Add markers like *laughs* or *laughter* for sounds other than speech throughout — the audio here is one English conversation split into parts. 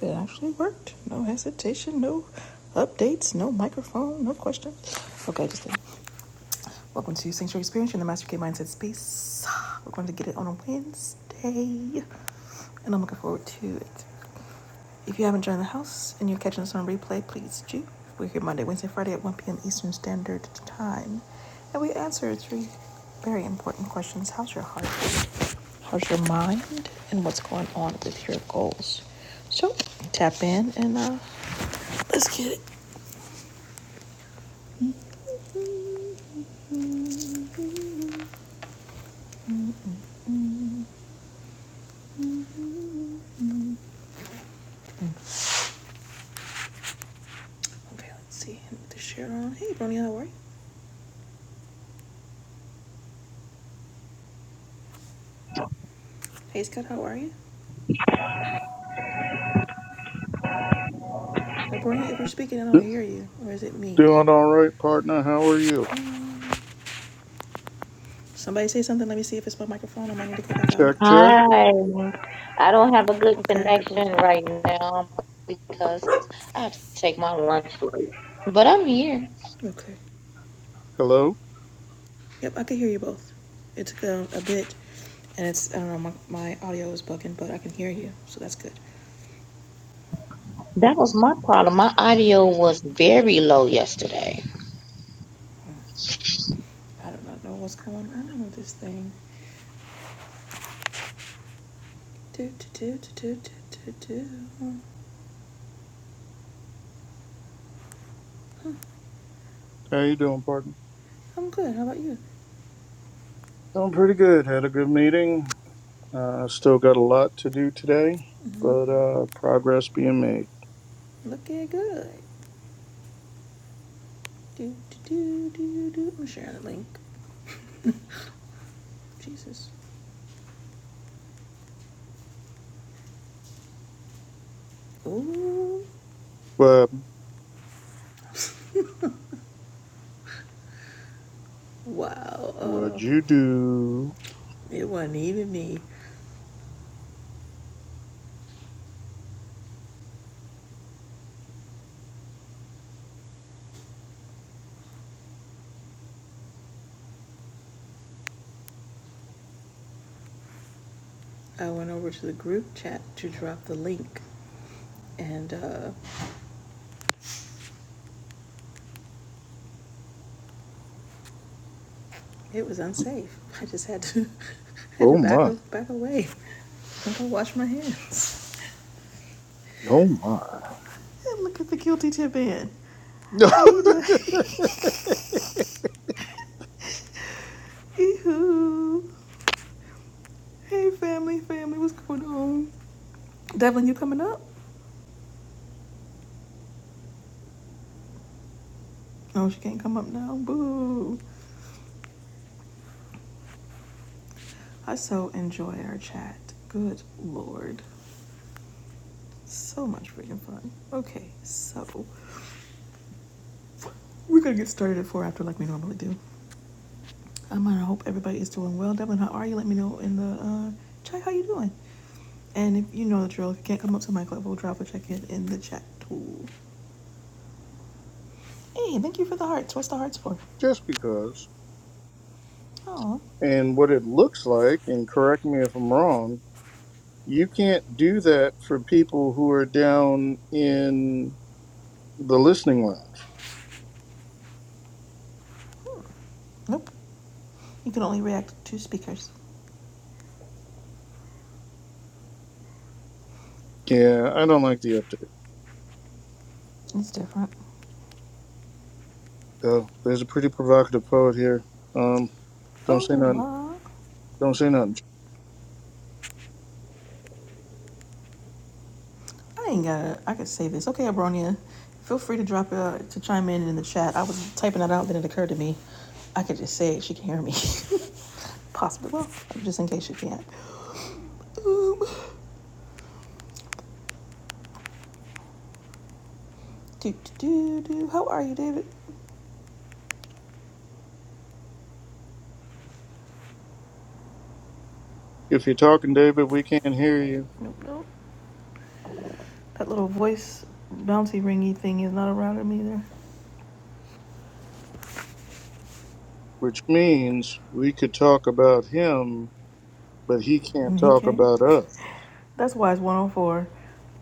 It actually worked. No hesitation, no updates, no microphone, no questions. Okay, just kidding. Welcome to Sanctuary Experience in the Master K Mindset Space. We're going to get it on a Wednesday, and I'm looking forward to it. If you haven't joined the house and you're catching us on replay, please do. We're here Monday, Wednesday, Friday at 1 p.m. Eastern Standard Time. And we answer three very important questions How's your heart? How's your mind? And what's going on with your goals? So tap in and uh, let's get it. Okay, let's see. The share on. Hey, Bronya, how are you? Hey, Scott, how are you? Now, Bronya, if you're speaking, I don't hear you. Or is it me? Doing all right, partner. How are you? Somebody say something. Let me see if it's my microphone. I might need to go back out and come Check, back check. in. Hi. I don't have a good Okay, I heard both connection of right now because I have to take my lunch break. But I'm here. you. Okay. Hello. Yep, I can hear you both. It took a, a bit, and it's I don't know my, my audio is bugging, but I can hear you, so that's good. That was my problem. My audio was very low yesterday. I do not know what's going on with this thing. Do do do do do do do. How you doing, partner? I'm good. How about you? Doing pretty good. Had a good meeting. Uh, still got a lot to do today, but uh, progress being made. Looking good. Do do do do do. I'm sharing the link. Jesus. Ooh. But Wow. Uh, what'd you do? it wasn't even me. I went over to the group chat to drop the link, and uh, It was unsafe. I just had to *laughs* had Oh to back my! up, back away and go wash my hands. Oh my! And look at the guilty tip in. Hey, da- *laughs* Eehoo. *laughs* Hey, family, family, what's going on? Devlin, you coming up? No, she can't come up now. Boo. I so enjoy our chat. Good lord. So much freaking fun. Okay, so we're gonna get started at four after like we normally do. Um, and I hope everybody is doing well. Devlin, how are you? Let me know in the uh, chat how you doing. And if you know the drill, if you can't come up to my club, we'll drop a check in in the chat tool. Hey, thank you for the hearts. What's the hearts for? Just because. Oh, And what it looks like, and correct me if I'm wrong, you can't do that for people who are down in the listening lounge. nope. You can only react to speakers. Yeah, I don't like the update. It's different. Go. There's a pretty provocative poet here. Um, don't Oh, say nothing. la. Don't say nothing. I ain't got it. I could say this. Okay, Abronia, feel free to drop uh, to chime in in the chat. I was typing that out, then it occurred to me. I could just say it. She can hear me. *laughs* Possibly. Well, just in case she can't. Um, Do, do, do, do. How are you, David? If you're talking, David, we can't hear you. Nope, nope. That little voice bouncy ringy thing is not around him either. Which means we could talk about him, but he can't And he talk can't. about us. That's why it's 104.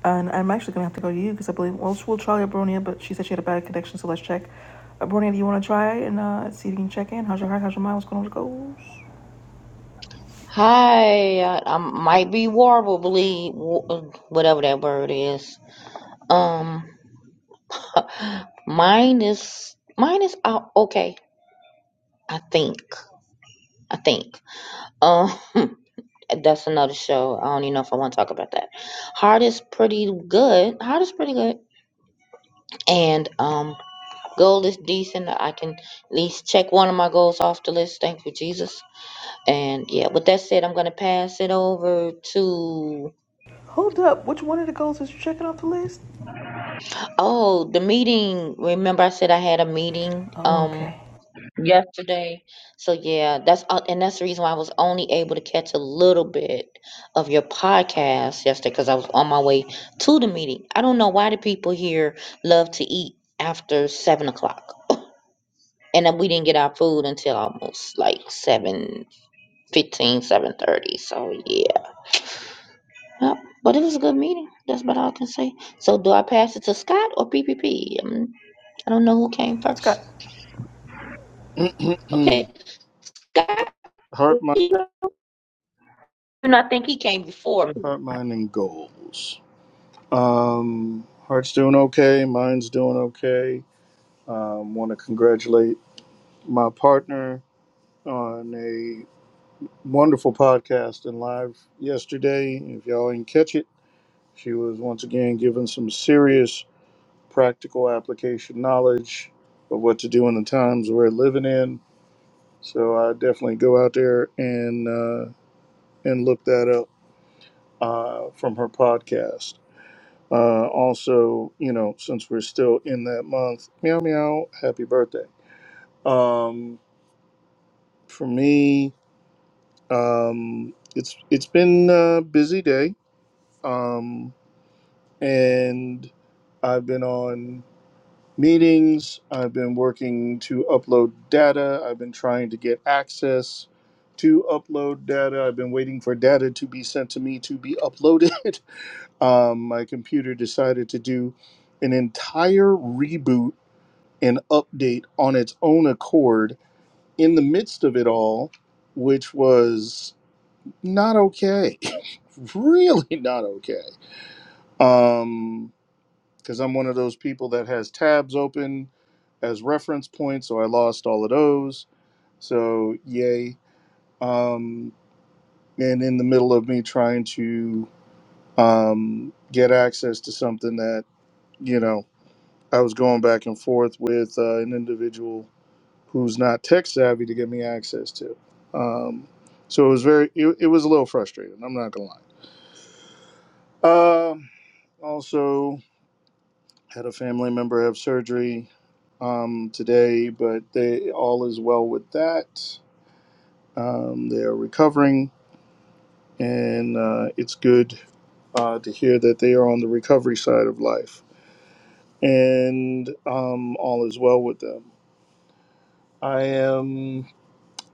And I'm actually going to have to go to you because I believe, well, we'll try Abronia, but she said she had a bad connection, so let's check. Abronia, do you want to try and uh, see if you can check in? How's your heart? How's your mind? What's going on with the goals? Hi. I, I might be warbly, whatever that word is. Um, *laughs* mine is mine is out. Okay, I think. I think. Um, *laughs* That's another show. I don't even know if I want to talk about that. Heart is pretty good. Heart is pretty good. And um goal is decent. I can at least check one of my goals off the list. Thank you, Jesus. And yeah, with that said, I'm gonna pass it over to Hold up. Which one of the goals is you checking off the list? oh, the meeting. Remember I said I had a meeting. Oh, Um okay. yesterday. So yeah, that's uh, and that's the reason why I was only able to catch a little bit of your podcast yesterday because I was on my way to the meeting. I don't know why the people here love to eat after seven o'clock, and then we didn't get our food until almost like seven fifteen, seven thirty. So yeah, Yep. but it was a good meeting. That's about all I can say. So do I pass it to Scott or PPP? Um, I don't know who came first. Scott. Okay, *clears throat* Scott, heart, mind, and I think he came before me. heart, mind, and goals. Um, heart's doing okay. Mind's doing okay. Um, Want to congratulate my partner on a wonderful podcast and live yesterday. If y'all didn't catch it. She was once again given some serious practical application knowledge of what to do in the times we're living in. So I definitely go out there and uh, and look that up uh, from her podcast. Uh, also, you know, since we're still in that month, meow meow, happy birthday. Um, for me, um, it's it's been a busy day, um, and I've been on. meetings. I've been working to upload data. I've been trying to get access to upload data. I've been waiting for data to be sent to me to be uploaded. *laughs* um, my computer decided to do an entire reboot and update on its own accord in the midst of it all, which was not okay. *laughs* really not okay. Um, because I'm one of those people that has tabs open as reference points, so I lost all of those. So yay! Um, and in the middle of me trying to um, get access to something that you know I was going back and forth with uh, an individual who's not tech savvy to get me access to. Um, so it was very it, it was a little frustrating. I'm not gonna lie. Um also. Had a family member have surgery um, today, but they all is well with that. Um, they are recovering, and uh, it's good uh, to hear that they are on the recovery side of life, and um, all is well with them. I am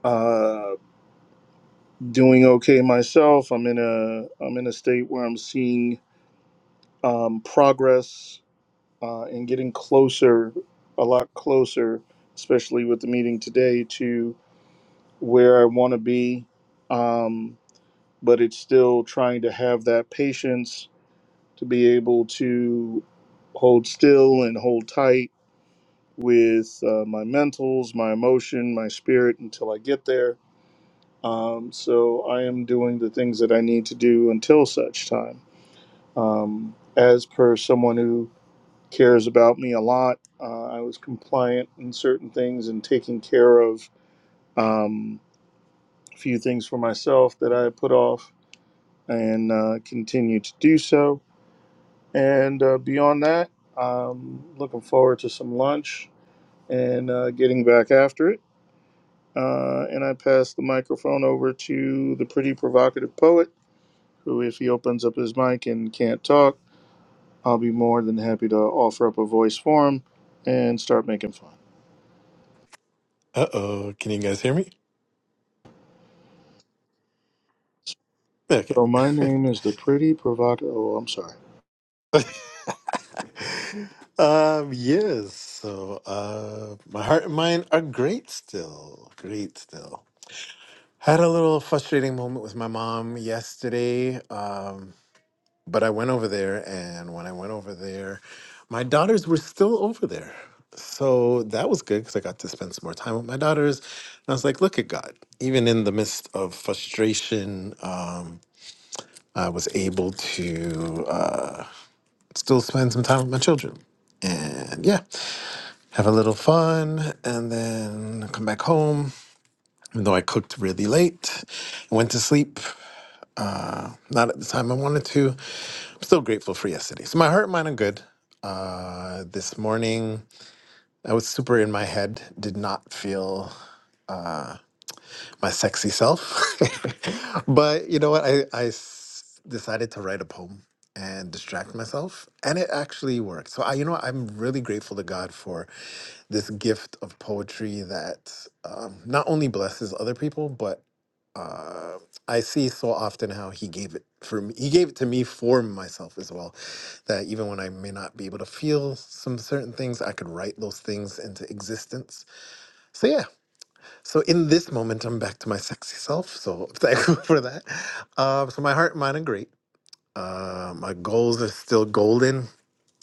uh, doing okay myself. I'm in a I'm in a state where I'm seeing um, progress uh, and getting closer, a lot closer, especially with the meeting today to. where I want to be, um, but it's still trying to have that patience to be able to hold still and hold tight with uh, my mentals, my emotion, my spirit until I get there. Um, so I am doing the things that I need to do until such time. Um, as per someone who cares about me a lot, uh, I was compliant in certain things and taking care of um, a few things for myself that I had put off and uh, continue to do so. And uh, beyond that, I'm looking forward to some lunch and uh, getting back after it. Uh, and I pass the microphone over to the pretty provocative poet, who, if he opens up his mic and can't talk, I'll be more than happy to offer up a voice for him and start making fun. Uh oh, can you guys hear me? Okay. So my *laughs* name is the pretty provocative. Oh, I'm sorry. um, yes, so uh, my heart and mind are great still. Great still. Had a little frustrating moment with my mom yesterday, um, but I went over there, and when I went over there, my daughters were still over there. So that was good because I got to spend some more time with my daughters. And I was like, look at God. Even in the midst of frustration, um, I was able to. uh, still spend some time with my children and yeah, have a little fun and then come back home. Even though I cooked really late and went to sleep, not at the time I wanted to, I'm still grateful for yesterday. So my heart, mind, are good. Uh, this morning, I was super in my head, did not feel my sexy self. *laughs* but you know what? I, I s- decided to write a poem and distract myself, and it actually worked. So I, you know, what? I'm really grateful to God for this gift of poetry that um, not only blesses other people, but uh, I see so often how He gave it for me. He gave it to me for myself as well. That even when I may not be able to feel some certain things, I could write those things into existence. So yeah, so in this moment, I'm back to my sexy self. So *laughs* I'm thankful for that. Um, so my heart, mind, and great. Uh, my goals are still golden.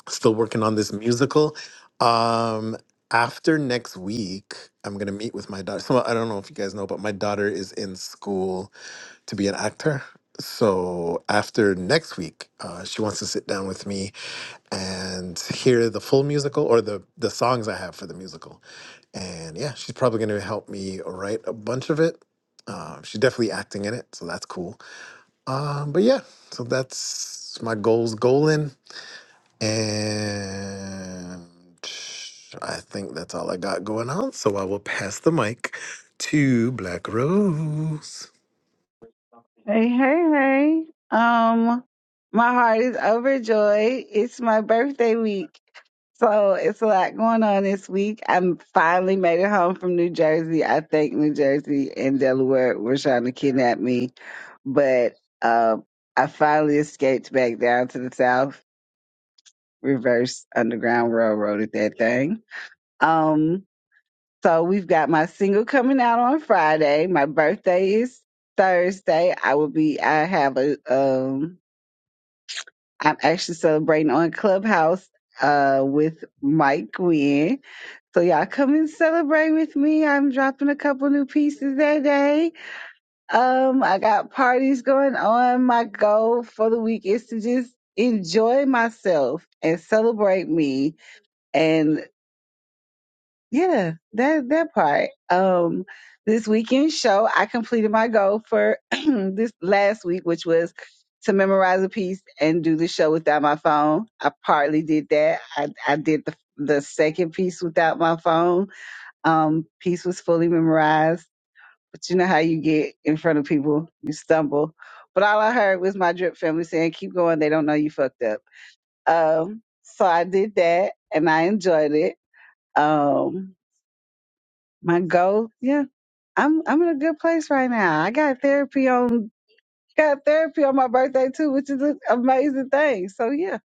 Still working on this musical. Um, after next week, I'm gonna meet with my daughter. So I don't know if you guys know, but my daughter is in school to be an actor. So after next week, uh, she wants to sit down with me and hear the full musical or the the songs I have for the musical. And yeah, she's probably going to help me write a bunch of it. Um, she's definitely acting in it, so that's cool. Um, but yeah, so that's my goals going, and I think that's all I got going on. So I will pass the mic to Black Rose. Hey, hey, hey. Um, my heart is overjoyed. It's my birthday week. So it's a lot going on this week. I finally made it home from New Jersey. I think New Jersey and Delaware were trying to kidnap me, but uh, I finally escaped back down to the South, reverse Underground Railroad at that thing. Um, so we've got my single coming out on Friday. My birthday is Thursday. I will be I have a um I'm actually celebrating on Clubhouse uh with Mike Gwynn. So y'all come and celebrate with me. I'm dropping a couple new pieces that day. Um I got parties going on. My goal for the week is to just enjoy myself and celebrate me and. Yeah, that that part. Um, this weekend show, I completed my goal for *clears throat* this last week, which was to memorize a piece and do the show without my phone. I partly did that. I I did the the second piece without my phone. Um, piece was fully memorized, but you know how you get in front of people, you stumble. But all I heard was my drip family saying, "Keep going. They don't know you fucked up." Um, so I did that, and I enjoyed it. Um, my goal. Yeah, I'm I'm in a good place right now. I got therapy on got therapy on my birthday too, which is an amazing thing. So yeah,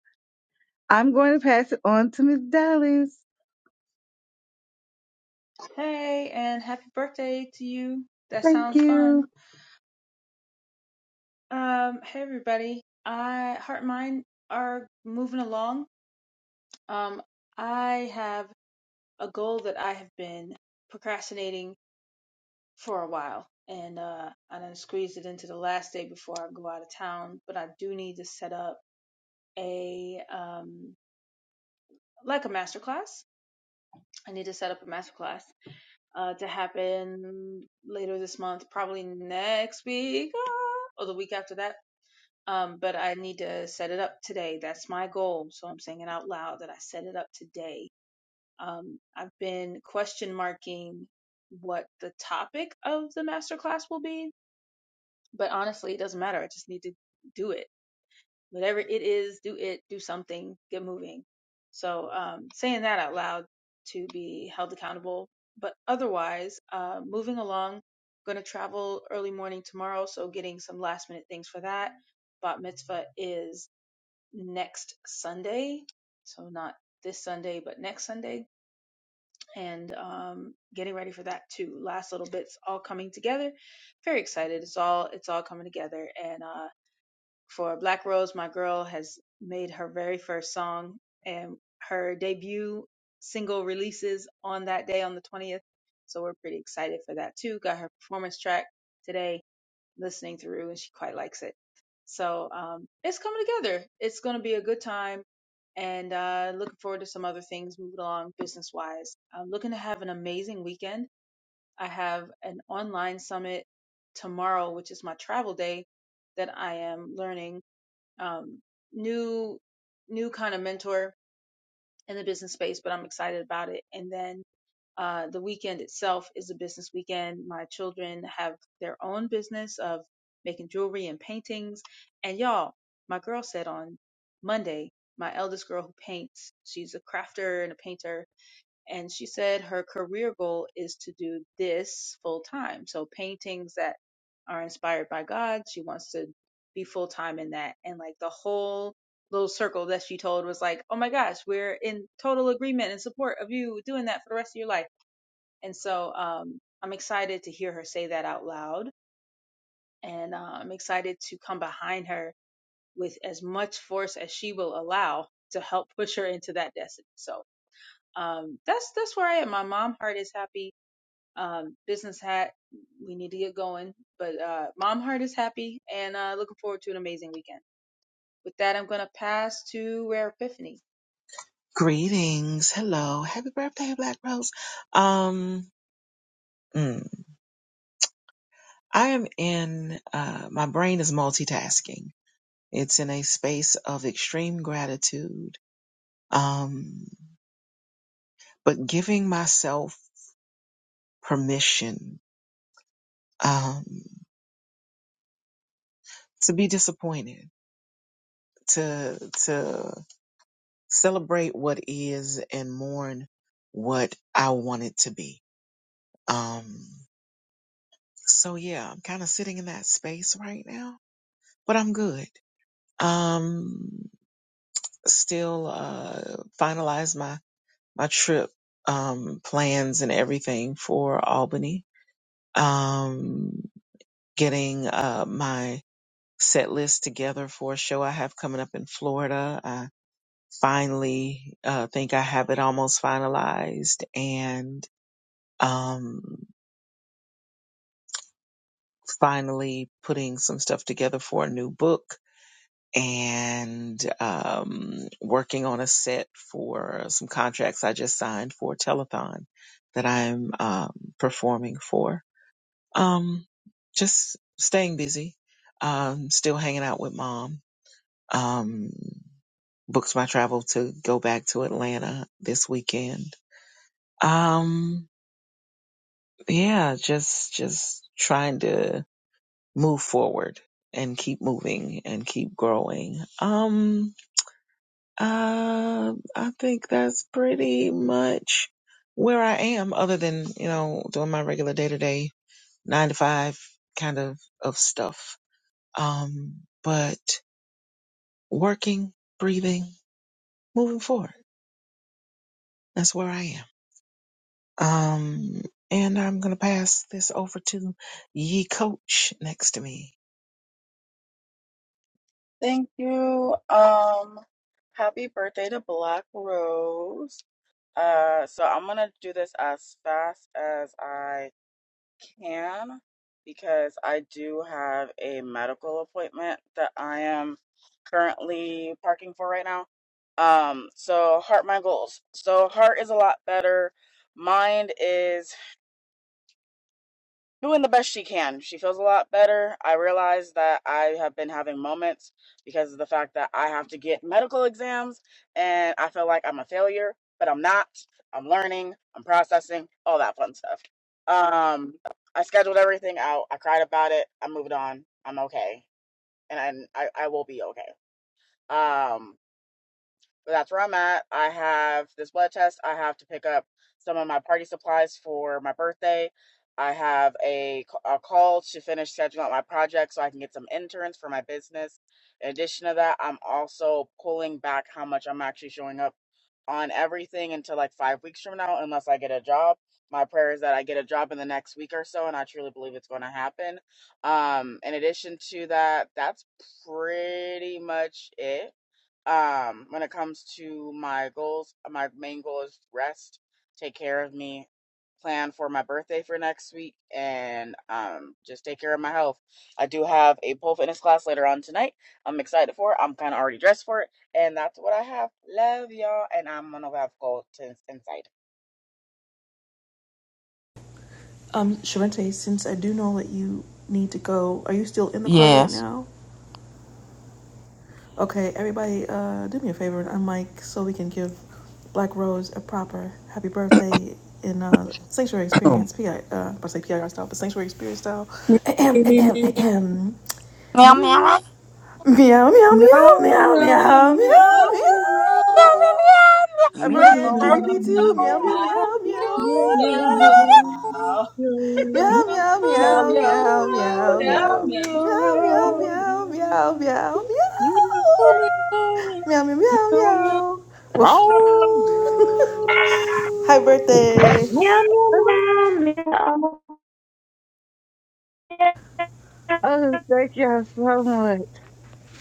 I'm going to pass it on to Miss Dallas. Hey, and happy birthday to you. That Thank sounds you. fun. Um, hey everybody. I Heart and Mind are moving along. Um, I have a goal that I have been procrastinating for a while, and uh, I done squeezed it into the last day before I go out of town. But I do need to set up a um like a masterclass. I need to set up a masterclass uh, to happen later this month, probably next week ah, or the week after that Um, but I need to set it up today. That's my goal. So I'm saying it out loud that I set it up today. Um, I've been question marking what the topic of the masterclass will be, but honestly, it doesn't matter. I just need to do it. Whatever it is, do it, do something, get moving. So um, saying that out loud to be held accountable. But otherwise, uh, moving along, going to travel early morning tomorrow. So getting some last minute things for that. Bat mitzvah is next Sunday. So not this Sunday, but next Sunday. And um, getting ready for that too. Last little bits all coming together. Very excited. It's all it's all coming together. And uh, for Black Rose, my girl has made her very first song and her debut single releases on that day on the 20th. So we're pretty excited for that too. Got her performance track today listening through and she quite likes it. So um, it's coming together. It's going to be a good time and uh, looking forward to some other things moving along business wise. I'm looking to have an amazing weekend. I have an online summit tomorrow, which is my travel day that I am learning um, new new kind of mentor in the business space, but I'm excited about it. And then uh, the weekend itself is a business weekend. My children have their own business of making jewelry and paintings. And y'all, my girl said on Monday, my eldest girl who paints, she's a crafter and a painter. And she said her career goal is to do this full time. So paintings that are inspired by God, she wants to be full time in that. And like the whole little circle that she told was like, oh my gosh, we're in total agreement and support of you doing that for the rest of your life and so um, I'm excited to hear her say that out loud. And uh, I'm excited to come behind her with as much force as she will allow to help push her into that destiny. So um, that's that's where I am. My mom heart is happy. Um, business hat, we need to get going. But uh, mom heart is happy and uh, looking forward to an amazing weekend. With that, I'm going to pass to Rare Epiphany. Greetings. Hello. Happy birthday, Black Rose. Um, mm, I am in, uh, my brain is multitasking. It's in a space of extreme gratitude. Um, but giving myself permission, um, to be disappointed, to, to celebrate what is and mourn what I want it to be. Um, so yeah, I'm kind of sitting in that space right now, but I'm good. Um, still uh, finalize my my trip um, plans and everything for Albany. Um, getting uh, my set list together for a show I have coming up in Florida. I finally uh, think I have it almost finalized, and um, finally putting some stuff together for a new book and um, working on a set for some contracts I just signed for a telethon that I'm um, performing for. Um, just staying busy, um, still hanging out with mom. Um, booked my travel to go back to Atlanta this weekend. Um, yeah, just just trying to move forward and keep moving and keep growing. Um, Um, I think that's pretty much where I am, other than, you know, doing my regular day to day nine to five kind of of stuff. Um, but working, breathing, moving forward. That's where I am. Um, and I'm gonna pass this over to Ye Coach next to me. Um, Sharente, since I do know that you need to go, are you still in the car right Yes. now? Okay, everybody, uh, do me a favor and unmic so we can give Black Rose a proper happy birthday in uh, Sanctuary *clears throat* Experience, PI, uh, I say PIR style, but Sanctuary Experience style. *clears throat* Ahem, Me, me, me, Meow meow. meow, Meow, meow, meow, meow, meow, meow, meow, meow, meow, meow. meow. meow, I'm Meow, meow, Brodian meow. meow, PPP two. Meow meow, meow meow, meow meow meow meow. meow. meow. *laughs* Meow Meow, meow Meow, meow meow, meow, meow, meow meow, meow meow, meow, meow. meow, Meow meow meow. meow, meow meow meow meow. Meow, meow, meow, meow. Meow meow meow Meow. meow. Woof. Bow. meow. Hi birthday. Meow, meow, meow, meow. Oh, thank y'all so much.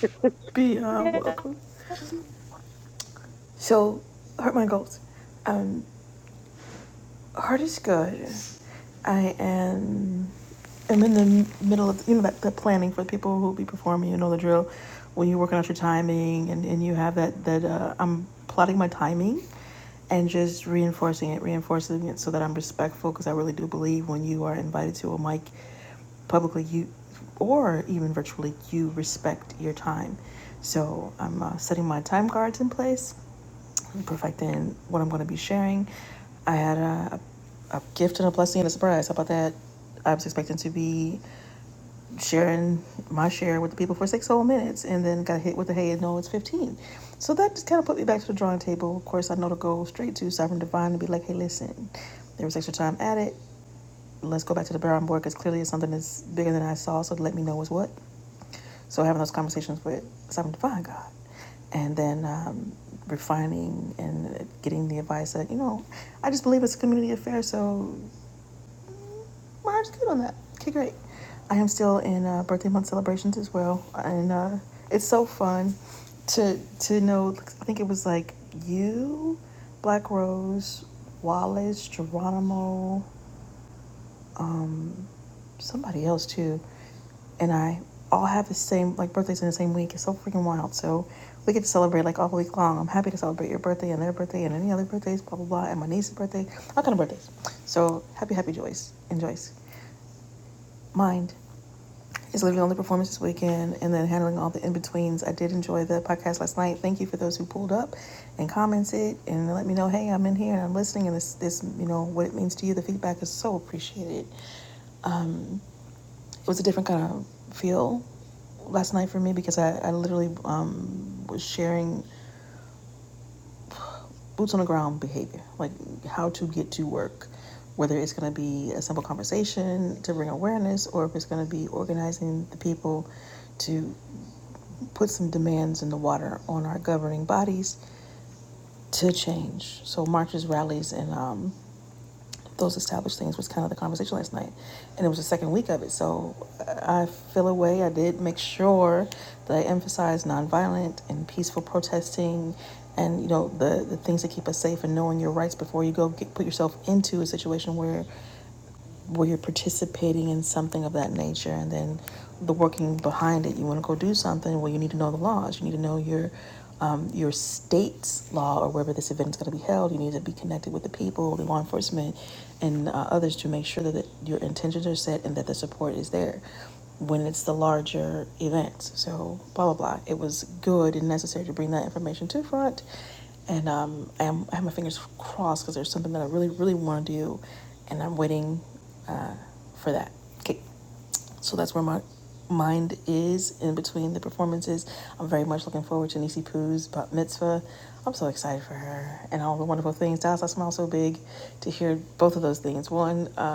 *laughs* Beyond welcome. So, hurt my goals. Um, heart is good. I am. I'm in the middle of, you know, that, that planning for the people who be performing, you know the drill, when you're working out your timing and, and you have that, that uh, I'm plotting my timing and just reinforcing it, reinforcing it so that I'm respectful because I really do believe when you are invited to a mic publicly, you or even virtually, you respect your time. So I'm uh, setting my time cards in place and perfecting what I'm going to be sharing. I had a, a gift and a blessing and a surprise. How about that? I was expecting to be sharing my share with the people for six whole minutes and then got hit with the hey no it's 15 so that just kind of put me back to the drawing table of course i know to go straight to sovereign divine and be like hey listen there was extra time added let's go back to the drawing board because clearly it's something that's bigger than I saw. So let me know what's what. So having those conversations with some divine God, and then um, refining and getting the advice that you know, I just believe it's a community affair. So my heart's good on that. Okay, great. I am still in uh, birthday month celebrations as well, and uh, it's so fun to to know. I think it was like you, Black Rose, Wallace, Geronimo. somebody else too, and I all have the same like birthdays in the same week. It's so freaking wild. So we get to celebrate like all week long. I'm happy to celebrate your birthday and their birthday and any other birthdays, blah blah blah, and my niece's birthday, all kind of birthdays. So happy, happy Joyce and Joyce. Mind is literally only performance this weekend and then handling all the in betweens. I did enjoy the podcast last night. Thank you for those who pulled up and commented and let me know, hey, I'm in here and I'm listening and this this you know what it means to you. The feedback is so appreciated. It was a different kind of feel last night for me because I, I literally um, was sharing boots on the ground behavior, like how to get to work, whether it's going to be a simple conversation to bring awareness or if it's going to be organizing the people to put some demands in the water on our governing bodies to change. So marches, rallies, and um, those established things was kind of the conversation last night and it was the second week of it so uh, i feel a way i did make sure that i emphasized nonviolent and peaceful protesting and you know the, the things that keep us safe and knowing your rights before you go get, put yourself into a situation where where you're participating in something of that nature and then the working behind it you want to go do something well you need to know the laws you need to know your um, your state's law or wherever this event is going to be held you need to be connected with the people the law enforcement and uh, others to make sure that it- your intentions are set and that the support is there when it's the larger event so blah blah blah it was good and necessary to bring that information to front and um, I, am, I have my fingers crossed because there's something that I really, really want to do, and I'm waiting uh, for that. Okay, so that's where my mind is in between the performances. I'm very much looking forward to Nisi Poo's bat mitzvah. I'm so excited for her and all the wonderful things. Dallas, I smile so big to hear both of those things. One, uh,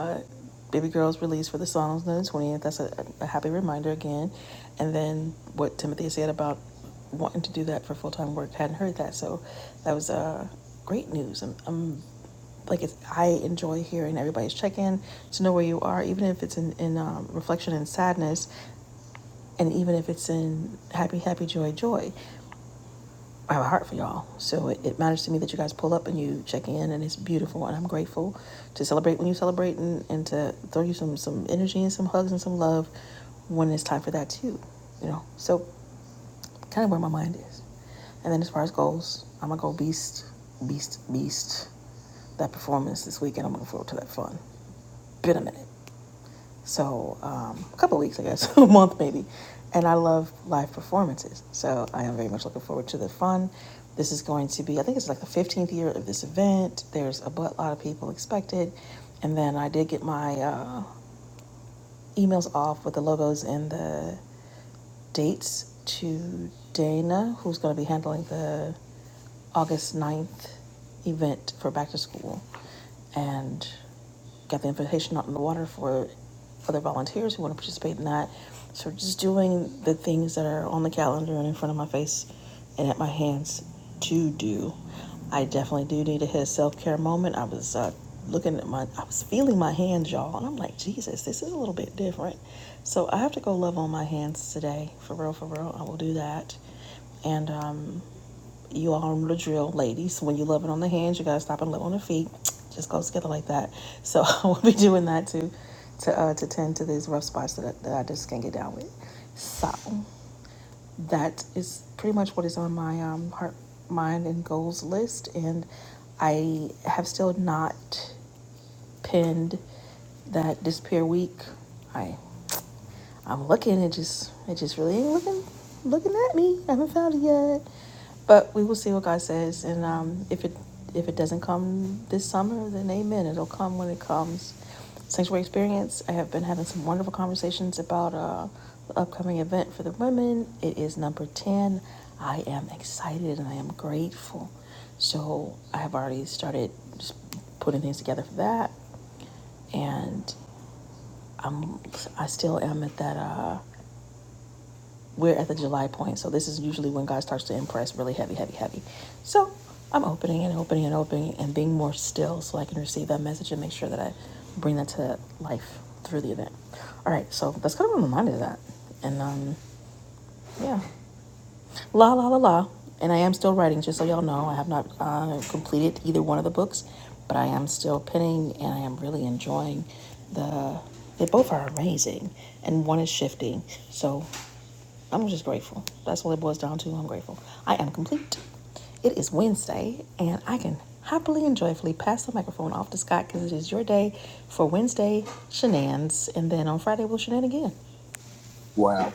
Baby Girl's release for the songs on the 20th. That's a, a happy reminder again. And then what Timothy said about wanting to do that for full time work, hadn't heard that. So that was uh, great news. I'm, I'm like, it's, I enjoy hearing everybody's check in to know where you are, even if it's in, in um, reflection and sadness, and even if it's in happy, happy, joy, joy. I have a heart for y'all. So it, it matters to me that you guys pull up and you check in, and it's beautiful. And I'm grateful to celebrate when you celebrate and, and to throw you some, some energy and some hugs and some love when it's time for that, too. You know, so kind of where my mind is. And then as far as goals, I'm going to go beast, beast, beast. That performance this weekend, I'm looking forward to that fun. Been a minute so um, a couple of weeks, I guess, *laughs* a month maybe. And I love live performances, so I am very much looking forward to the fun. This is going to be, I think it's like the 15th year of this event. There's a lot of people expected, and then I did get my. Uh, emails off with the logos and the dates to Dana, who's going to be handling the August ninth event for back to school. And got the invitation out in the water for other volunteers who want to participate in that. So just doing the things that are on the calendar and in front of my face and at my hands to do. I definitely do need to hit a self care moment. I was uh, looking at my, I was feeling my hands, y'all, and I'm like, Jesus, this is a little bit different. So I have to go love on my hands today, for real, for real. I will do that. And um, you all know the drill, ladies. When you love it on the hands, you gotta stop and love on the feet. Just goes together like that. So *laughs* I will be doing that too, to uh, to tend to these rough spots that I, that I just can't get down with. So that is pretty much what is on my um, heart, mind, and goals list. And I have still not pinned that disappear week. I. I'm looking, it just it just really ain't looking looking at me. I haven't found it yet. But we will see what God says and um if it if it doesn't come this summer, then amen. It'll come when it comes. Sanctuary experience. I have been having some wonderful conversations about uh the upcoming event for the women. It is number ten. I am excited and I am grateful. So I have already started just putting things together for that and I'm I still am at that. Uh, we're at the July point, so this is usually when God starts to impress really heavy, heavy, heavy. So I'm opening and opening and opening and being more still so I can receive that message and make sure that I bring that to life through the event. All right, so that's kind of a reminder of that. And um, yeah, la la la la. And I am still writing, just so y'all know. I have not uh, completed either one of the books, but I am still penning and I am really enjoying the. They both are amazing, and one is shifting. So I'm just grateful. That's what it boils down to. I'm grateful. I am complete. It is Wednesday, and I can happily and joyfully pass the microphone off to Scott because it is your day for Wednesday shenanigans, and then on Friday we'll shenan again. Wow.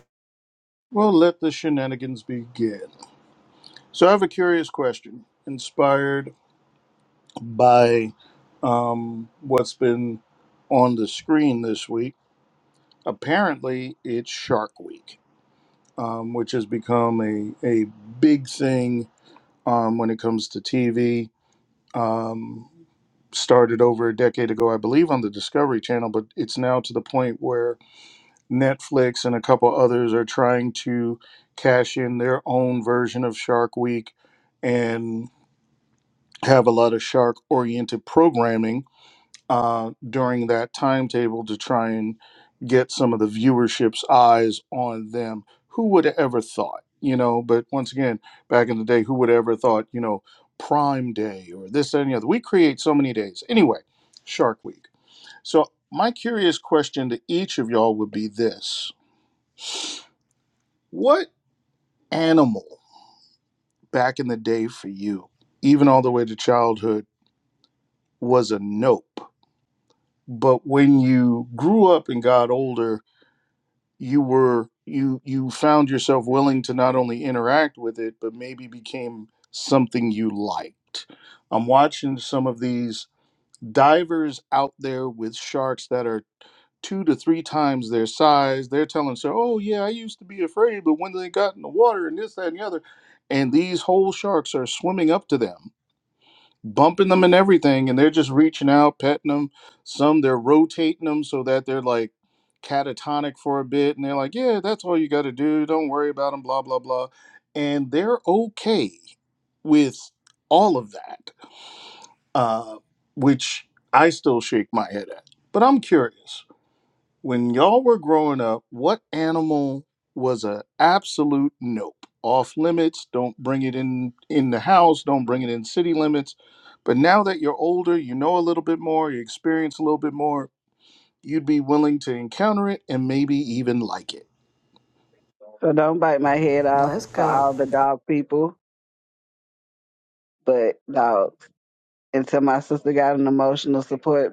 Well, let the shenanigans begin. So, I have a curious question inspired by um, what's been on the screen this week. Apparently, it's Shark Week. um, which has become a, a big thing um, when it comes to TV. Um, started over a decade ago, I believe, on the Discovery Channel, but it's now to the point where Netflix and a couple others are trying to cash in their own version of Shark Week and have a lot of shark oriented programming uh, during that timetable to try and get some of the viewership's eyes on them. Who would have ever thought, you know? But once again, back in the day, who would have ever thought, you know, Prime Day or this, that, and the other? We create so many days. Anyway, Shark Week. So, my curious question to each of y'all would be this What animal back in the day for you, even all the way to childhood, was a nope? But when you grew up and got older, you were you you found yourself willing to not only interact with it but maybe became something you liked i'm watching some of these divers out there with sharks that are two to three times their size they're telling so oh yeah i used to be afraid but when they got in the water and this that and the other and these whole sharks are swimming up to them bumping them and everything, and they're just reaching out, petting them. Some they're rotating them so that they're like catatonic for a bit, and they're like, "Yeah, that's all you got to do. Don't worry about them." Blah blah blah, and they're okay with all of that, uh, which I still shake my head at. But I'm curious. When y'all were growing up, what animal was a absolute nope? Off limits, don't bring it in in the house, don't bring it in city limits. But now that you're older, you know a little bit more, you experience a little bit more, you'd be willing to encounter it and maybe even like it. so don't bite my head off Let's for go, all the dog people, but dogs. Until my sister got an emotional support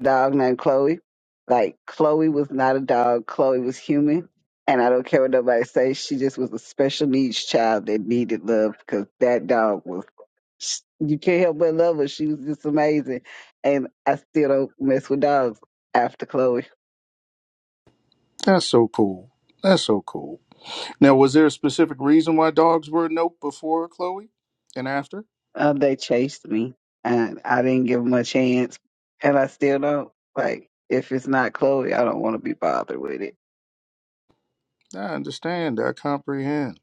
dog named Chloe. Like Chloe was not a dog. Chloe was human. And I don't care what nobody says. She just was a special needs child that needed love because that dog was. You can't help but love her. She was just amazing. And I still don't mess with dogs after Chloe. That's so cool. That's so cool. Now, was there a specific reason why dogs were a nope before Chloe and after? Uh, they chased me and I didn't give them a chance. And I still don't. Like, if it's not Chloe, I don't want to be bothered with it. I understand. I comprehend.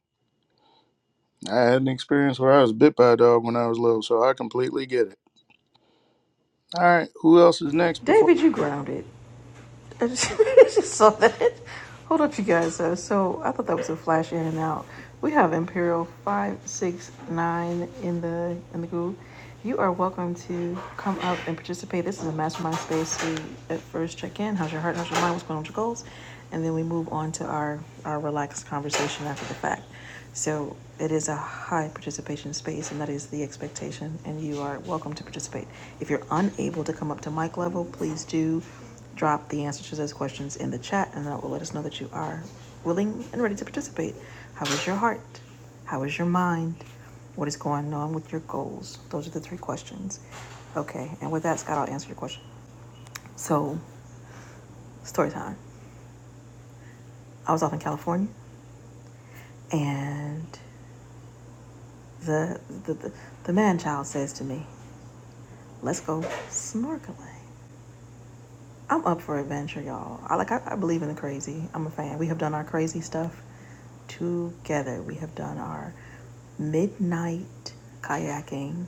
I had an experience where I was bit by a dog when I was little, so I completely get it. All right, who else is next before? David. You grounded. I just, *laughs* I just saw that. Hold up, you guys. Uh, so I thought that was a flash in and out. We have Imperial five six nine in the in the group. You are welcome to come up and participate. This is a mastermind space. We at first check in. How's your heart? How's your mind? What's going on with your goals? And then we move on to our our relaxed conversation after the fact. So it is a high participation space, and that is the expectation. And you are welcome to participate. If you're unable to come up to mic level, please do drop the answers to those questions in the chat, and that will let us know that you are willing and ready to participate. How is your heart? How is your mind? What is going on with your goals? Those are the three questions. Okay, and with that, Scott, I'll answer your question. So, story time. I was off in California, and the the, the, the man child says to me, Let's go snorkeling. I'm up for adventure, y'all. I like I, I believe in the crazy. I'm a fan. We have done our crazy stuff together. We have done our midnight kayaking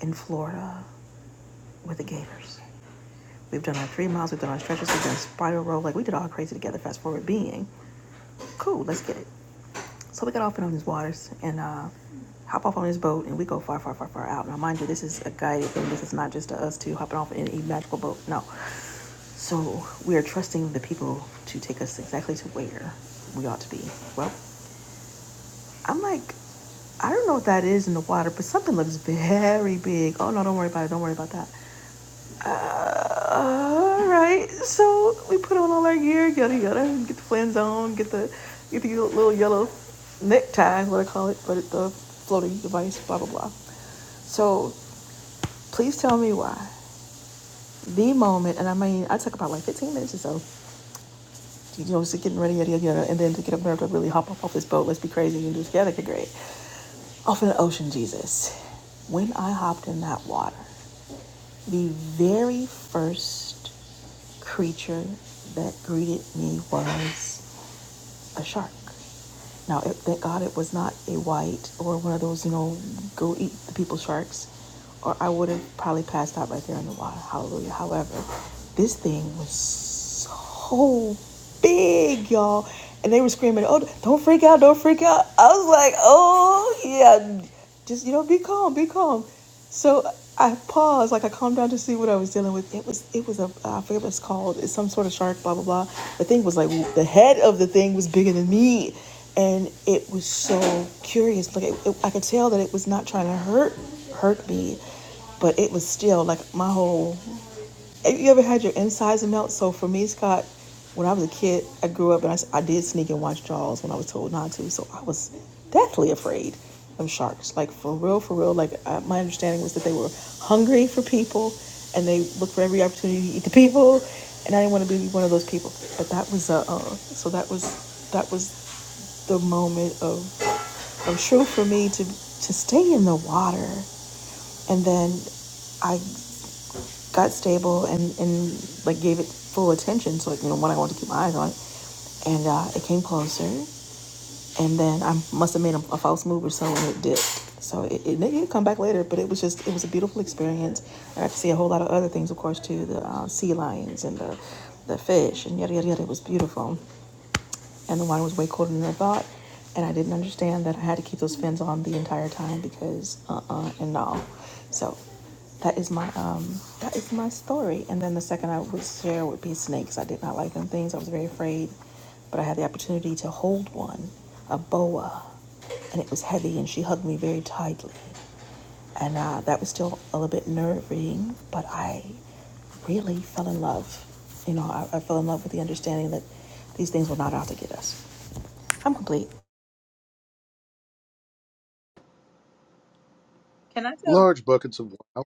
in Florida with the Gators. We've done our three miles, we've done our stretches, we've done spiral roll, like we did all crazy together, fast forward being. Cool, let's get it. So we got off in on these waters and uh hop off on this boat and we go far, far, far, far out. Now mind you, this is a guided thing. This is not just a us two hopping off in a magical boat. No. So we are trusting the people to take us exactly to where we ought to be. Well, I'm like, I don't know what that is in the water, but something looks very big. Oh no, don't worry about it. Don't worry about that. Uh, all right. So we put on all our gear, yada yada, get the flans on, get the get the little yellow necktie, what I call it, but the floating device, blah blah blah. So please tell me why the moment, and I mean, I took about like 15 minutes or so. you know, it's getting ready, yada, yada, yada, and then to get up there to really hop up off this boat, let's be crazy and do it together, okay, great. Off in the ocean, Jesus. When I hopped in that water, the very first creature that greeted me was a shark. Now, it, thank God it was not a white or one of those, you know, go eat the people sharks, or I would have probably passed out right there in the water. Hallelujah. However, this thing was so big, y'all. And they were screaming, oh, don't freak out, don't freak out. I was like, oh, yeah, just, you know, be calm, be calm. So I paused, like I calmed down to see what I was dealing with. It was it was a I forget what it's called. It's some sort of shark. Blah blah blah. The thing was like the head of the thing was bigger than me, and it was so curious. Like it, it, I could tell that it was not trying to hurt hurt me, but it was still like my whole have you ever had your insides melt? So for me, Scott, when I was a kid, I grew up and I I did sneak and watch Jaws when I was told not to. So I was deathly afraid of sharks. Like for real, for real. Like uh, my understanding was that they were hungry for people and they looked for every opportunity to eat the people. And I didn't want to be one of those people. But that was uh, uh so that was that was the moment of of truth for me to to stay in the water and then I got stable and and like gave it full attention. So like you know when I wanted to keep my eyes on it, and uh, it came closer. And then I must have made a, a false move or so, and it dipped. So it, it did come back later, but it was just it was a beautiful experience. I got to see a whole lot of other things, of course, too the uh, sea lions and the the fish and yada yada yada. It was beautiful and the wine was way colder than I thought. And I didn't understand that I had to keep those fins on the entire time because uh uh and no. So that is my um that is my story. And then the second I would share would be snakes. I did not like them things. I was very afraid, but I had the opportunity to hold one, a boa, and it was heavy and she hugged me very tightly. And uh, that was still a little bit nerve-wracking, but I really fell in love. You know, I, I fell in love with the understanding that these things were not out to get us. I'm complete. Can I tell? Large buckets of wow.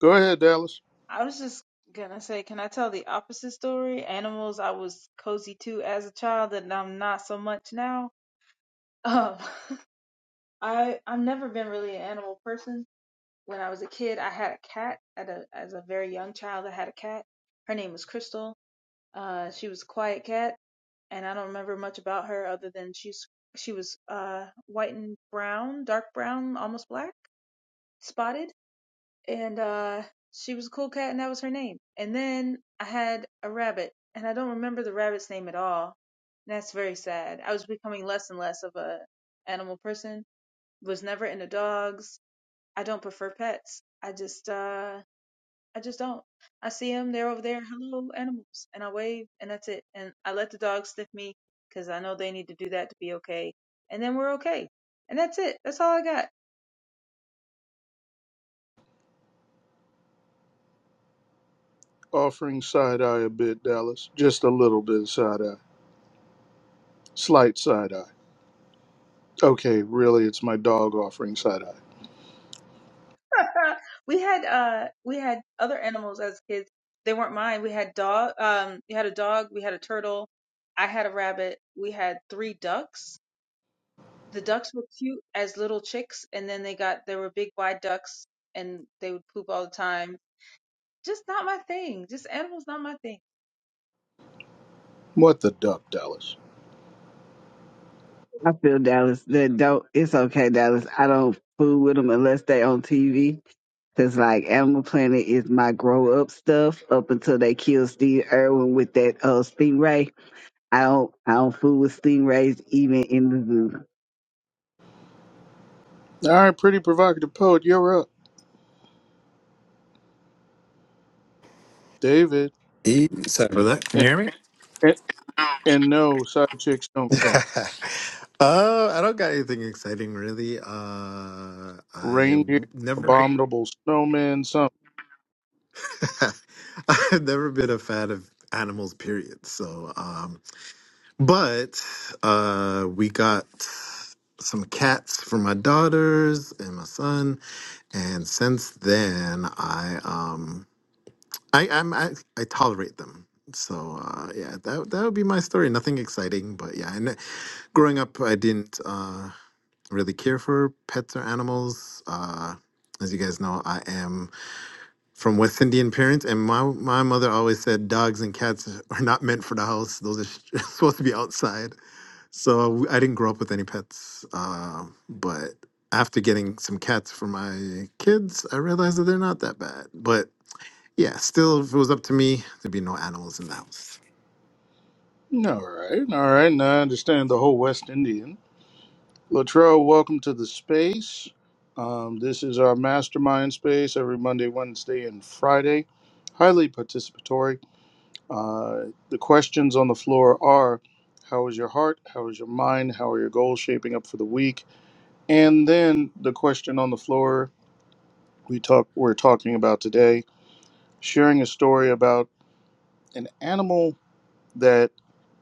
Go ahead, Dallas. I was just gonna say, can I tell the opposite story? Animals I was cozy to as a child, and I'm not so much now. Um, *laughs* I I've never been really an animal person. When I was a kid, I had a cat. At a as a very young child, I had a cat. Her name was Crystal. Uh, she was a quiet cat. and I don't remember much about her other than she's she was uh white and brown, dark brown, almost black, spotted, and uh she was a cool cat and that was her name. And then I had a rabbit and I don't remember the rabbit's name at all. And that's very sad. I was becoming less and less of a animal person. Was never into dogs. I don't prefer pets. I just uh I just don't. I see them, they're over there, hello, animals. And I wave, and that's it. And I let the dogs sniff me because I know they need to do that to be okay. And then we're okay. And that's it. That's all I got. Offering side eye a bit, Dallas. Just a little bit of side eye. Slight side eye. Okay, really, it's my dog offering side eye. *laughs* we had uh we had other animals as kids. They weren't mine. We had dog um we had a dog, we had a turtle, I had a rabbit, we had three ducks. The ducks were cute as little chicks and then they got they were big wide ducks and they would poop all the time. Just not my thing. Just animals not my thing. What the duck, Dallas? I feel Dallas. That don't. It's okay, Dallas. I don't fool with them unless they on TV. Cause like Animal Planet is my grow up stuff up until they kill Steve Irwin with that uh stingray. I don't. I don't fool with stingrays even in the zoo. All right, pretty provocative poet, you're up. David. E- So For that, can And, you hear me? and, and no, side chicks don't *laughs* count. uh, I don't got anything exciting really. Uh, I've Reindeer, never, abominable snowmen, some. *laughs* I've never been a fan of animals. Period. So, um, but uh, we got some cats for my daughters and my son, and since then, I um, I I'm, I I tolerate them. So uh, yeah, that that would be my story. Nothing exciting, but yeah. And growing up, I didn't. Uh, really care for pets or animals. Uh, as you guys know, I am from West Indian parents, and my my mother always said dogs and cats *laughs* are not meant for the house; those are sh- *laughs* supposed to be outside. So I I didn't grow up with any pets, uh, but after getting some cats for my kids, I realized that they're not that bad. But yeah, still, if it was up to me, there'd be no animals in the house. All right, all right, now I understand the whole West Indian. Latrell, welcome to the space. Um, this is our mastermind space every Monday, Wednesday, and Friday. Highly participatory. Uh, the questions on the floor are How is your heart? How is your mind? How are your goals shaping up for the week? And then the question on the floor we talk, we're talking about today sharing a story about an animal that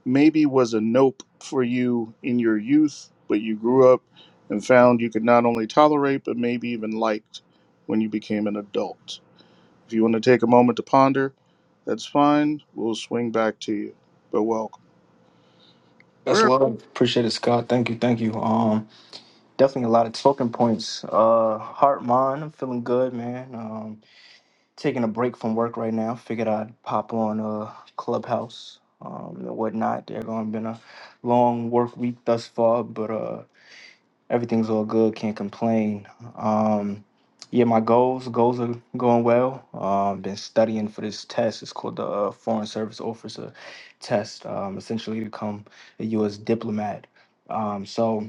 maybe was a nope for you in your youth, but you grew up and found you could not only tolerate, but maybe even liked when you became an adult. If you want to take a moment to ponder, that's fine. We'll swing back to you. But welcome. That's Rare, love. Appreciate it, Scott. Thank you, thank you. Um, definitely a lot of talking points. Uh, heart, mind. I'm feeling good, man. Um, taking a break from work right now. Figured I'd pop on uh Clubhouse, um, and whatnot. There are going been a long work week thus far, but uh. Everything's all good. Can't complain. Um, yeah, my goals goals are going well. Um, been studying for this test. It's called the uh, Foreign Service Officer Test. Um, essentially to become a U.S. diplomat. Um, so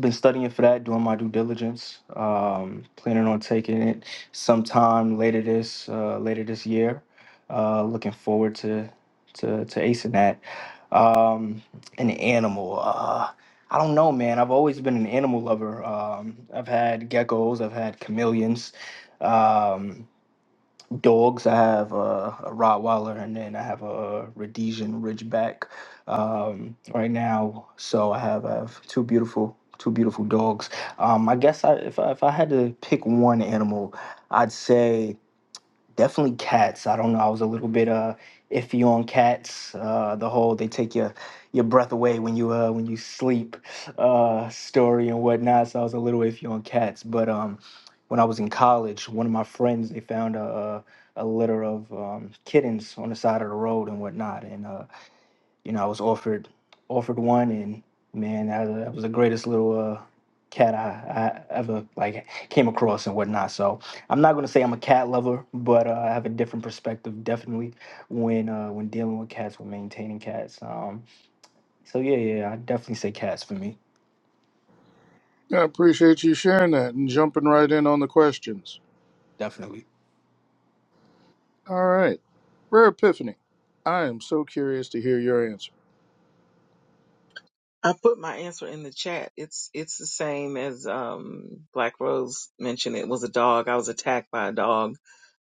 been studying for that, doing my due diligence. Um, planning on taking it sometime later this uh, later this year. Uh, looking forward to to to acing that. Um, an animal. Uh, I don't know, man. I've always been an animal lover. Um, I've had geckos. I've had chameleons. Um, dogs. I have uh, a Rottweiler and then I have a Rhodesian Ridgeback um, right now. So I have I have two beautiful two beautiful dogs. Um, I guess I, if I, if I had to pick one animal, I'd say definitely cats. I don't know. I was a little bit uh iffy on cats. Uh, the whole they take your your breath away when you uh when you sleep uh story and whatnot. So I was a little iffy on cats. But um, when I was in college, one of my friends they found a a, a litter of um, kittens on the side of the road and whatnot, and uh, you know, I was offered offered one, and man, that was, that was the greatest little uh, cat I, I ever like came across and whatnot. So I'm not gonna say I'm a cat lover, but uh, I have a different perspective definitely when uh, when dealing with cats, when maintaining cats. Um, so yeah, yeah, I definitely say cats for me, I appreciate you sharing that and jumping right in on the questions. definitely. All right. Rare Epiphany, I am so curious to hear your answer. I put my answer in the chat. It's it's the same as um Black Rose mentioned. It was a dog. I was attacked by a dog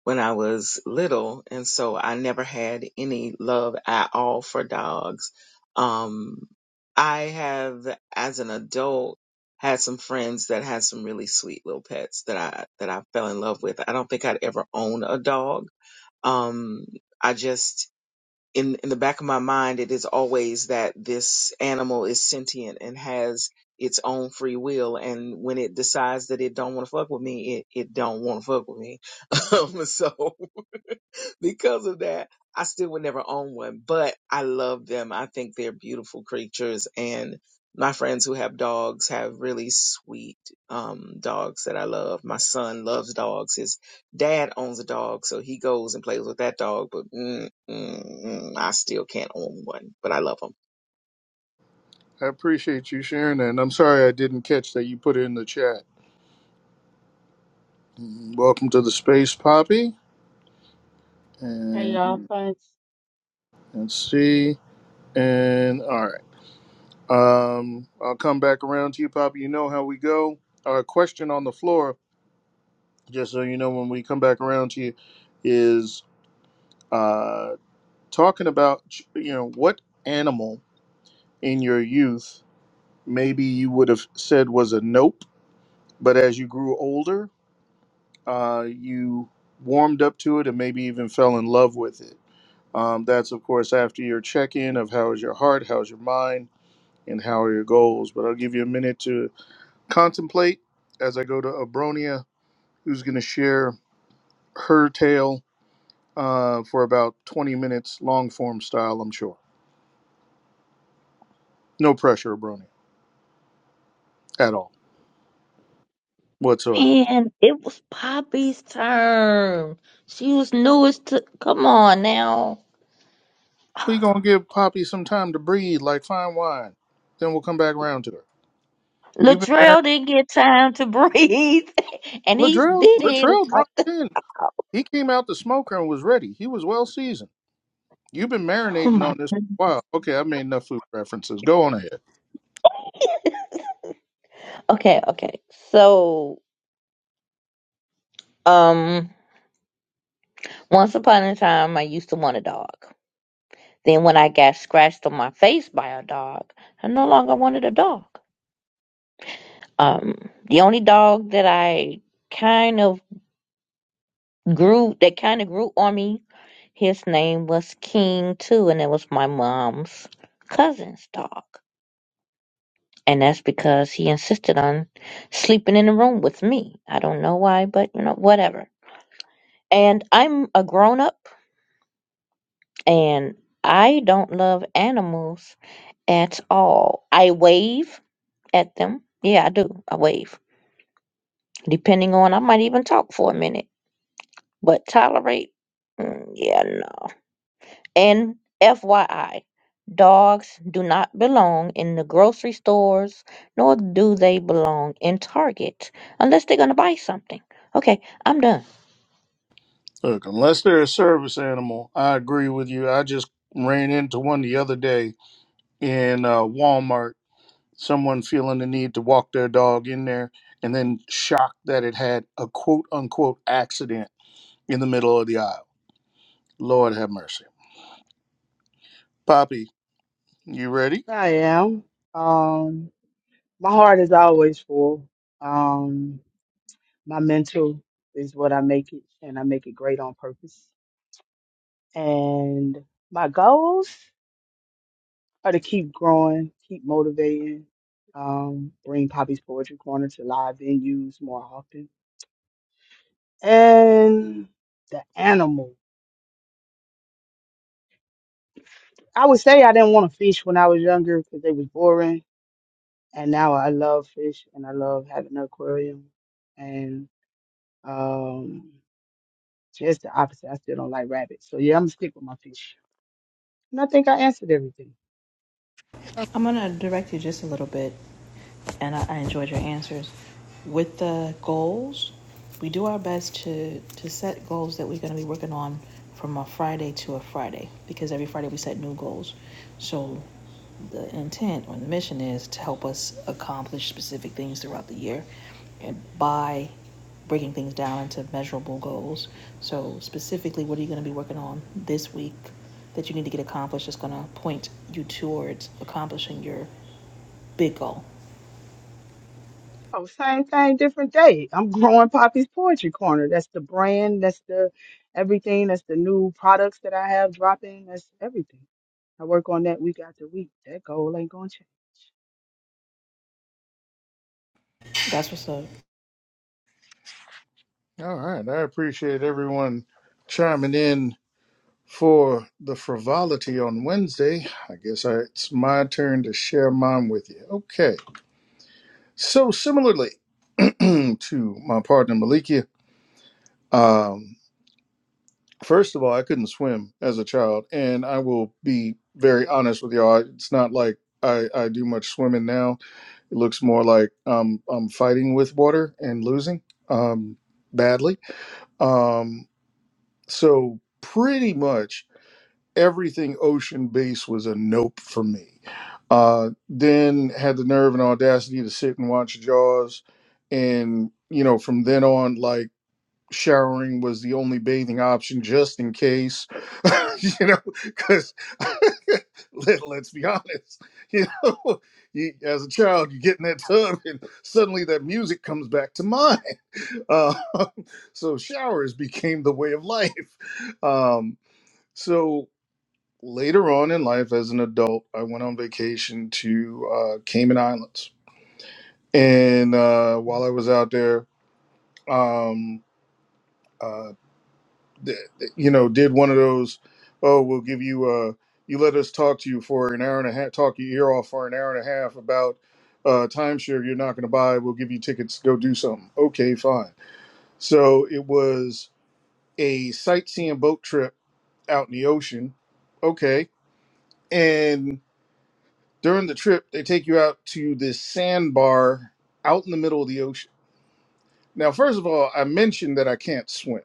when I was little, and so I never had any love at all for dogs. Um, I have, as an adult, had some friends that had some really sweet little pets that I that I fell in love with. I don't think I'd ever own a dog. Um, I just in in the back of my mind it is always that this animal is sentient and has its own free will and when it decides that it don't want to fuck with me it it don't want to fuck with me *laughs* um, so *laughs* because of that, I still would never own one, but I love them. I think they're beautiful creatures. And my friends who have dogs have really sweet um, dogs that I love. My son loves dogs. His dad owns a dog, so he goes and plays with that dog, but mm, mm, mm, I still can't own one, but I love them. I appreciate you sharing that, and I'm sorry I didn't catch that you put it in the chat. Mm, Welcome to the space, Poppy. Hey y'all, and thanks. let's see. And all right, um, I'll come back around to you, Pop. You know how we go. Our question on the floor, just so you know, when we come back around to you, is uh, talking about you know what animal in your youth maybe you would have said was a nope, but as you grew older, uh, you warmed up to it and maybe even fell in love with it. Um, that's of course after your check-in of how is your heart, how's your mind and how are your goals? But I'll give you a minute to contemplate as I go to Abronia, who's going to share her tale uh, for about 20 minutes, long form style, I'm sure. No pressure, Abronia, at all, whatsoever. Man, it was Poppy's turn. She was newest to. Come on now. We're going to give Poppy some time to breathe like fine wine. Then we'll come back around to her. You've been married. Latrell didn't get time to breathe, *laughs* and he's Latrell, did his. Latrell drunk Oh in. He came out the smoker and was ready. He was well seasoned. You've been marinating my. on this goodness. for a while. Okay, I made enough food references. Go on ahead. Okay, okay. So, um, once upon a time, I used to want a dog. Then, when I got scratched on my face by a dog, I no longer wanted a dog. Um, the only dog that I kind of grew, that kind of grew on me His name was King too, and it was my mom's cousin's dog. And that's because he insisted on sleeping in the room with me. I don't know why, but you know, whatever. And I'm a grown up and I don't love animals at all. I wave at them. Yeah, I do. I wave. Depending on, I might even talk for a minute, but tolerate. mm, Yeah, And FYI, dogs do not belong in the grocery stores, nor do they belong in Target unless they're going to buy something. Okay, I'm done. Look, unless they're a service animal, I agree with you. I just ran into one the other day in uh, Walmart. Someone feeling the need to walk their dog in there, and then shocked that it had a quote unquote accident in the middle of the aisle. Lord have mercy. Poppy, you ready? I am. Um, my heart is always full. Um, my mental is what I make it, and I make it great on purpose. And my goals are to keep growing, keep motivating, um, bring Poppy's Poetry Corner to live venues more often. And the animal. I would say I didn't want to fish when I was younger because they was boring, and now I love fish and I love having an aquarium and Um, so it's the opposite. I still don't like rabbits. So yeah, I'm gonna stick with my fish. And I think I answered everything. I'm gonna direct you just a little bit, and I, I enjoyed your answers. With the goals, we do our best to to set goals that we're gonna be working on from a Friday to a Friday because every Friday we set new goals. So the intent or the mission is to help us accomplish specific things throughout the year, and by breaking things down into measurable goals. So specifically, what are you going to be working on this week that you need to get accomplished is going to point you towards accomplishing your big goal. Oh, same thing, different day. I'm growing Poppy's Poetry Corner. That's the brand. That's the everything. That's the new products that I have dropping. That's everything. I work on that week after week. That goal ain't gonna change. That's what's up. All right. I appreciate everyone chiming in for the frivolity on Wednesday. I guess I, it's my turn to share mine with you. Okay. So similarly *clears throat* to my partner Malikia, um, first of all, I couldn't swim as a child, and I will be very honest with y'all. It's not like I, I do much swimming now. It looks more like um, I'm fighting with water and losing um, badly. Um, so pretty much everything ocean based was a nope for me. Uh, then had the nerve and audacity to sit and watch Jaws, and you know from then on, like showering was the only bathing option just in case, *laughs* you know, because *laughs* let, let's be honest, *laughs* you know, you, as a child you get in that tub and suddenly that music comes back to mind. *laughs* Uh, *laughs* so showers became the way of life. Um, so later on in life as an adult, I went on vacation to uh, Cayman Islands. And uh, while I was out there, um, uh, th- th- you know, did one of those, oh, we'll give you, uh, you let us talk to you for an hour and a half, talk your ear off for an hour and a half about uh, timeshare you're not going to buy. We'll give you tickets, to go do something. Okay, fine. So it was a sightseeing boat trip out in the ocean. Okay. and. During the trip, they take you out to this sandbar out in the middle of the ocean. Now, first of all, I mentioned that I can't swim.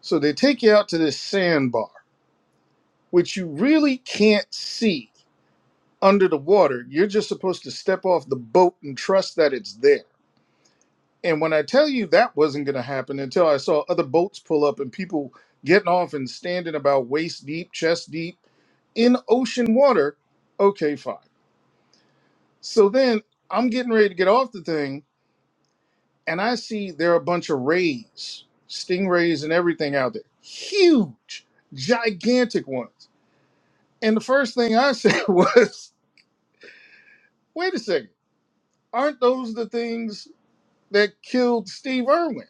So they take you out to this sandbar, which you really can't see under the water. You're just supposed to step off the boat and trust that it's there. And when I tell you that wasn't going to happen until I saw other boats pull up and people getting off and standing about waist deep, chest deep in ocean water, okay, fine. So then I'm getting ready to get off the thing and I see there are a bunch of rays, stingrays, and everything out there. Huge, gigantic ones. And the first thing I *laughs* said was, wait a second, aren't those the things that killed Steve Irwin?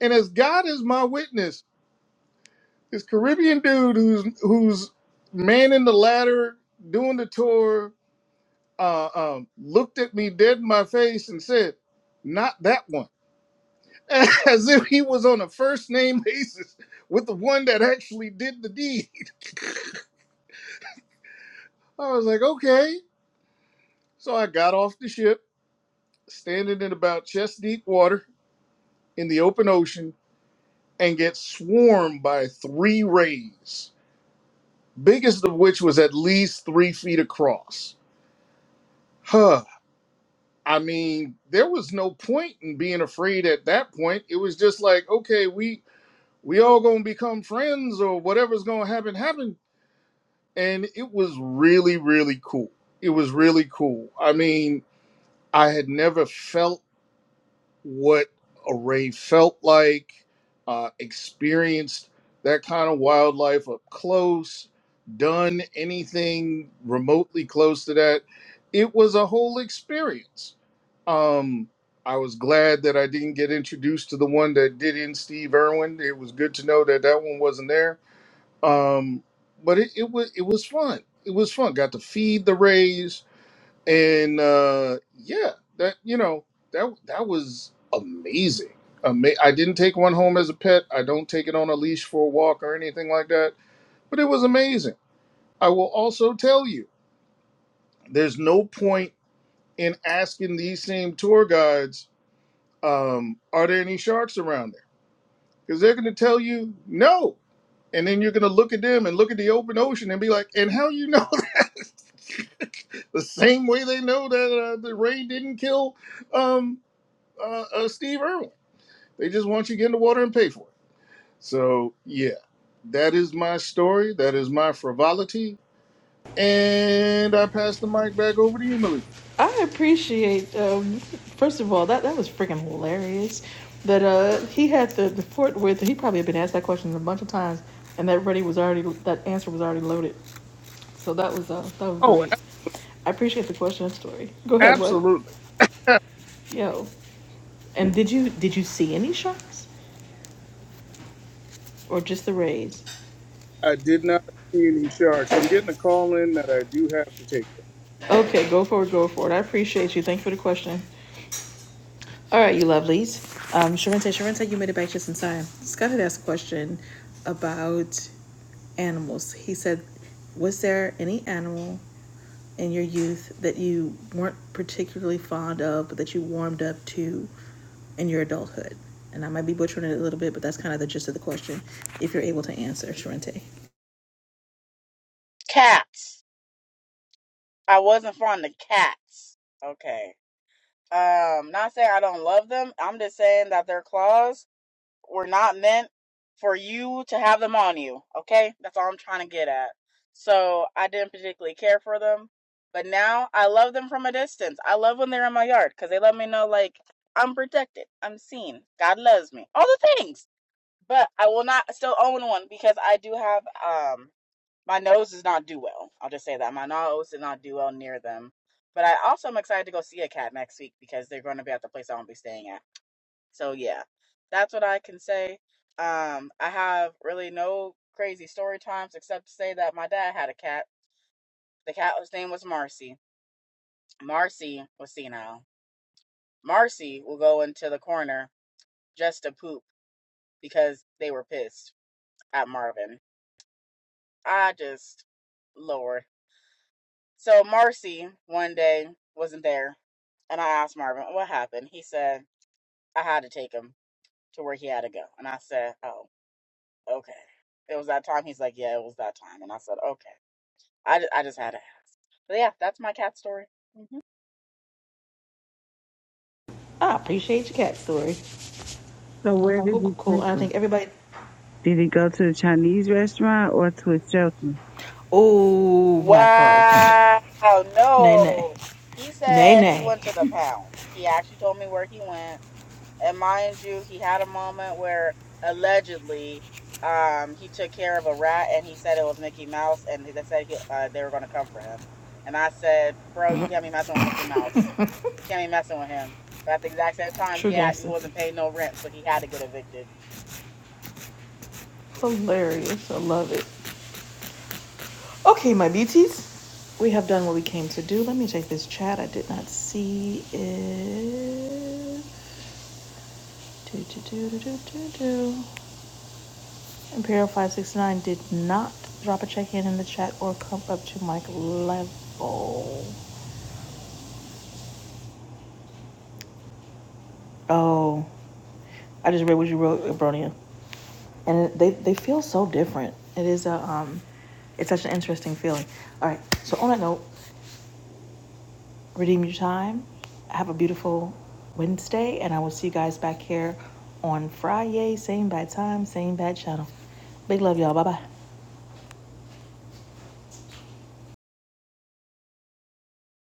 And as God is my witness, this Caribbean dude who's who's manning the ladder, doing the tour, uh, um, looked at me dead in my face and said, "Not that one." *laughs* as if he was on a first name basis with the one that actually did the deed. *laughs* I was like, okay. So I got off the ship, standing in about chest deep water in the open ocean, and get swarmed by three rays, biggest of which was at least three feet across. Huh. I mean, there was no point in being afraid at that point. It was just like, okay, we we all gonna become friends or whatever's gonna happen happen and it was really really cool it was really cool i mean i had never felt what a rave felt like uh, experienced that kind of wildlife up close done anything remotely close to that it was a whole experience um i was glad that i didn't get introduced to the one that did in steve irwin it was good to know that that one wasn't there um, but it, it was it was fun. It was fun. Got to feed the rays, and uh, yeah, that you know that that was amazing. Ama- I didn't take one home as a pet. I don't take it on a leash for a walk or anything like that. But it was amazing. I will also tell you, there's no point in asking these same tour guides, um, are there any sharks around there? Because they're going to tell you no, and then you're going to look at them and look at the open ocean and be like, and how you know? The same way they know that uh, the rain didn't kill um, uh, uh, Steve Irwin. They just want you to get in the water and pay for it. So, yeah, that is my story. That is my frivolity. And I pass the mic back over to you, Malika. I appreciate. Um, first of all, that that was freaking hilarious. That uh, he had the, the Fort Worth. He probably had been asked that question a bunch of times, and that ready was already that answer was already loaded. So that was uh, that was Oh, great. I appreciate the question and story. Go a- ahead. What? absolutely. Yo. And did you did you see any sharks or just the rays? I did not see any sharks. I'm getting a call in that I do have to take. Okay, go forward, go forward. I appreciate you. Thank you for the question. All right, you lovelies. Um, Sharente, Sharente, you made it back just in time. Scott had asked a question about animals. He said, Was there any animal in your youth that you weren't particularly fond of, but that you warmed up to in your adulthood? And I might be butchering it a little bit, but that's kind of the gist of the question, if you're able to answer, Sharente. I appreciate your cat story. So where did Cool, cool, he cool. take And I think him? everybody, Did he go to a Chinese restaurant or to a shelter? oh, Black Rose. *laughs* Nay, nay. Nay, nay. True gangster. Hilarious. I love it. Okay, my beauties. We have done what we came to do. Let me take this chat. I did not see it. Do, do, do, do, do, do, do. Imperial 569 did not drop a check in in the chat or come up to mic level. Oh. I just read what you wrote, Abronia. And they, they feel so different. It is a um, it's such an interesting feeling. All right. So on that note, redeem your time. Have a beautiful Wednesday, and I will see you guys back here on Friday, same bad time, same bad channel. Big love, y'all. Bye bye.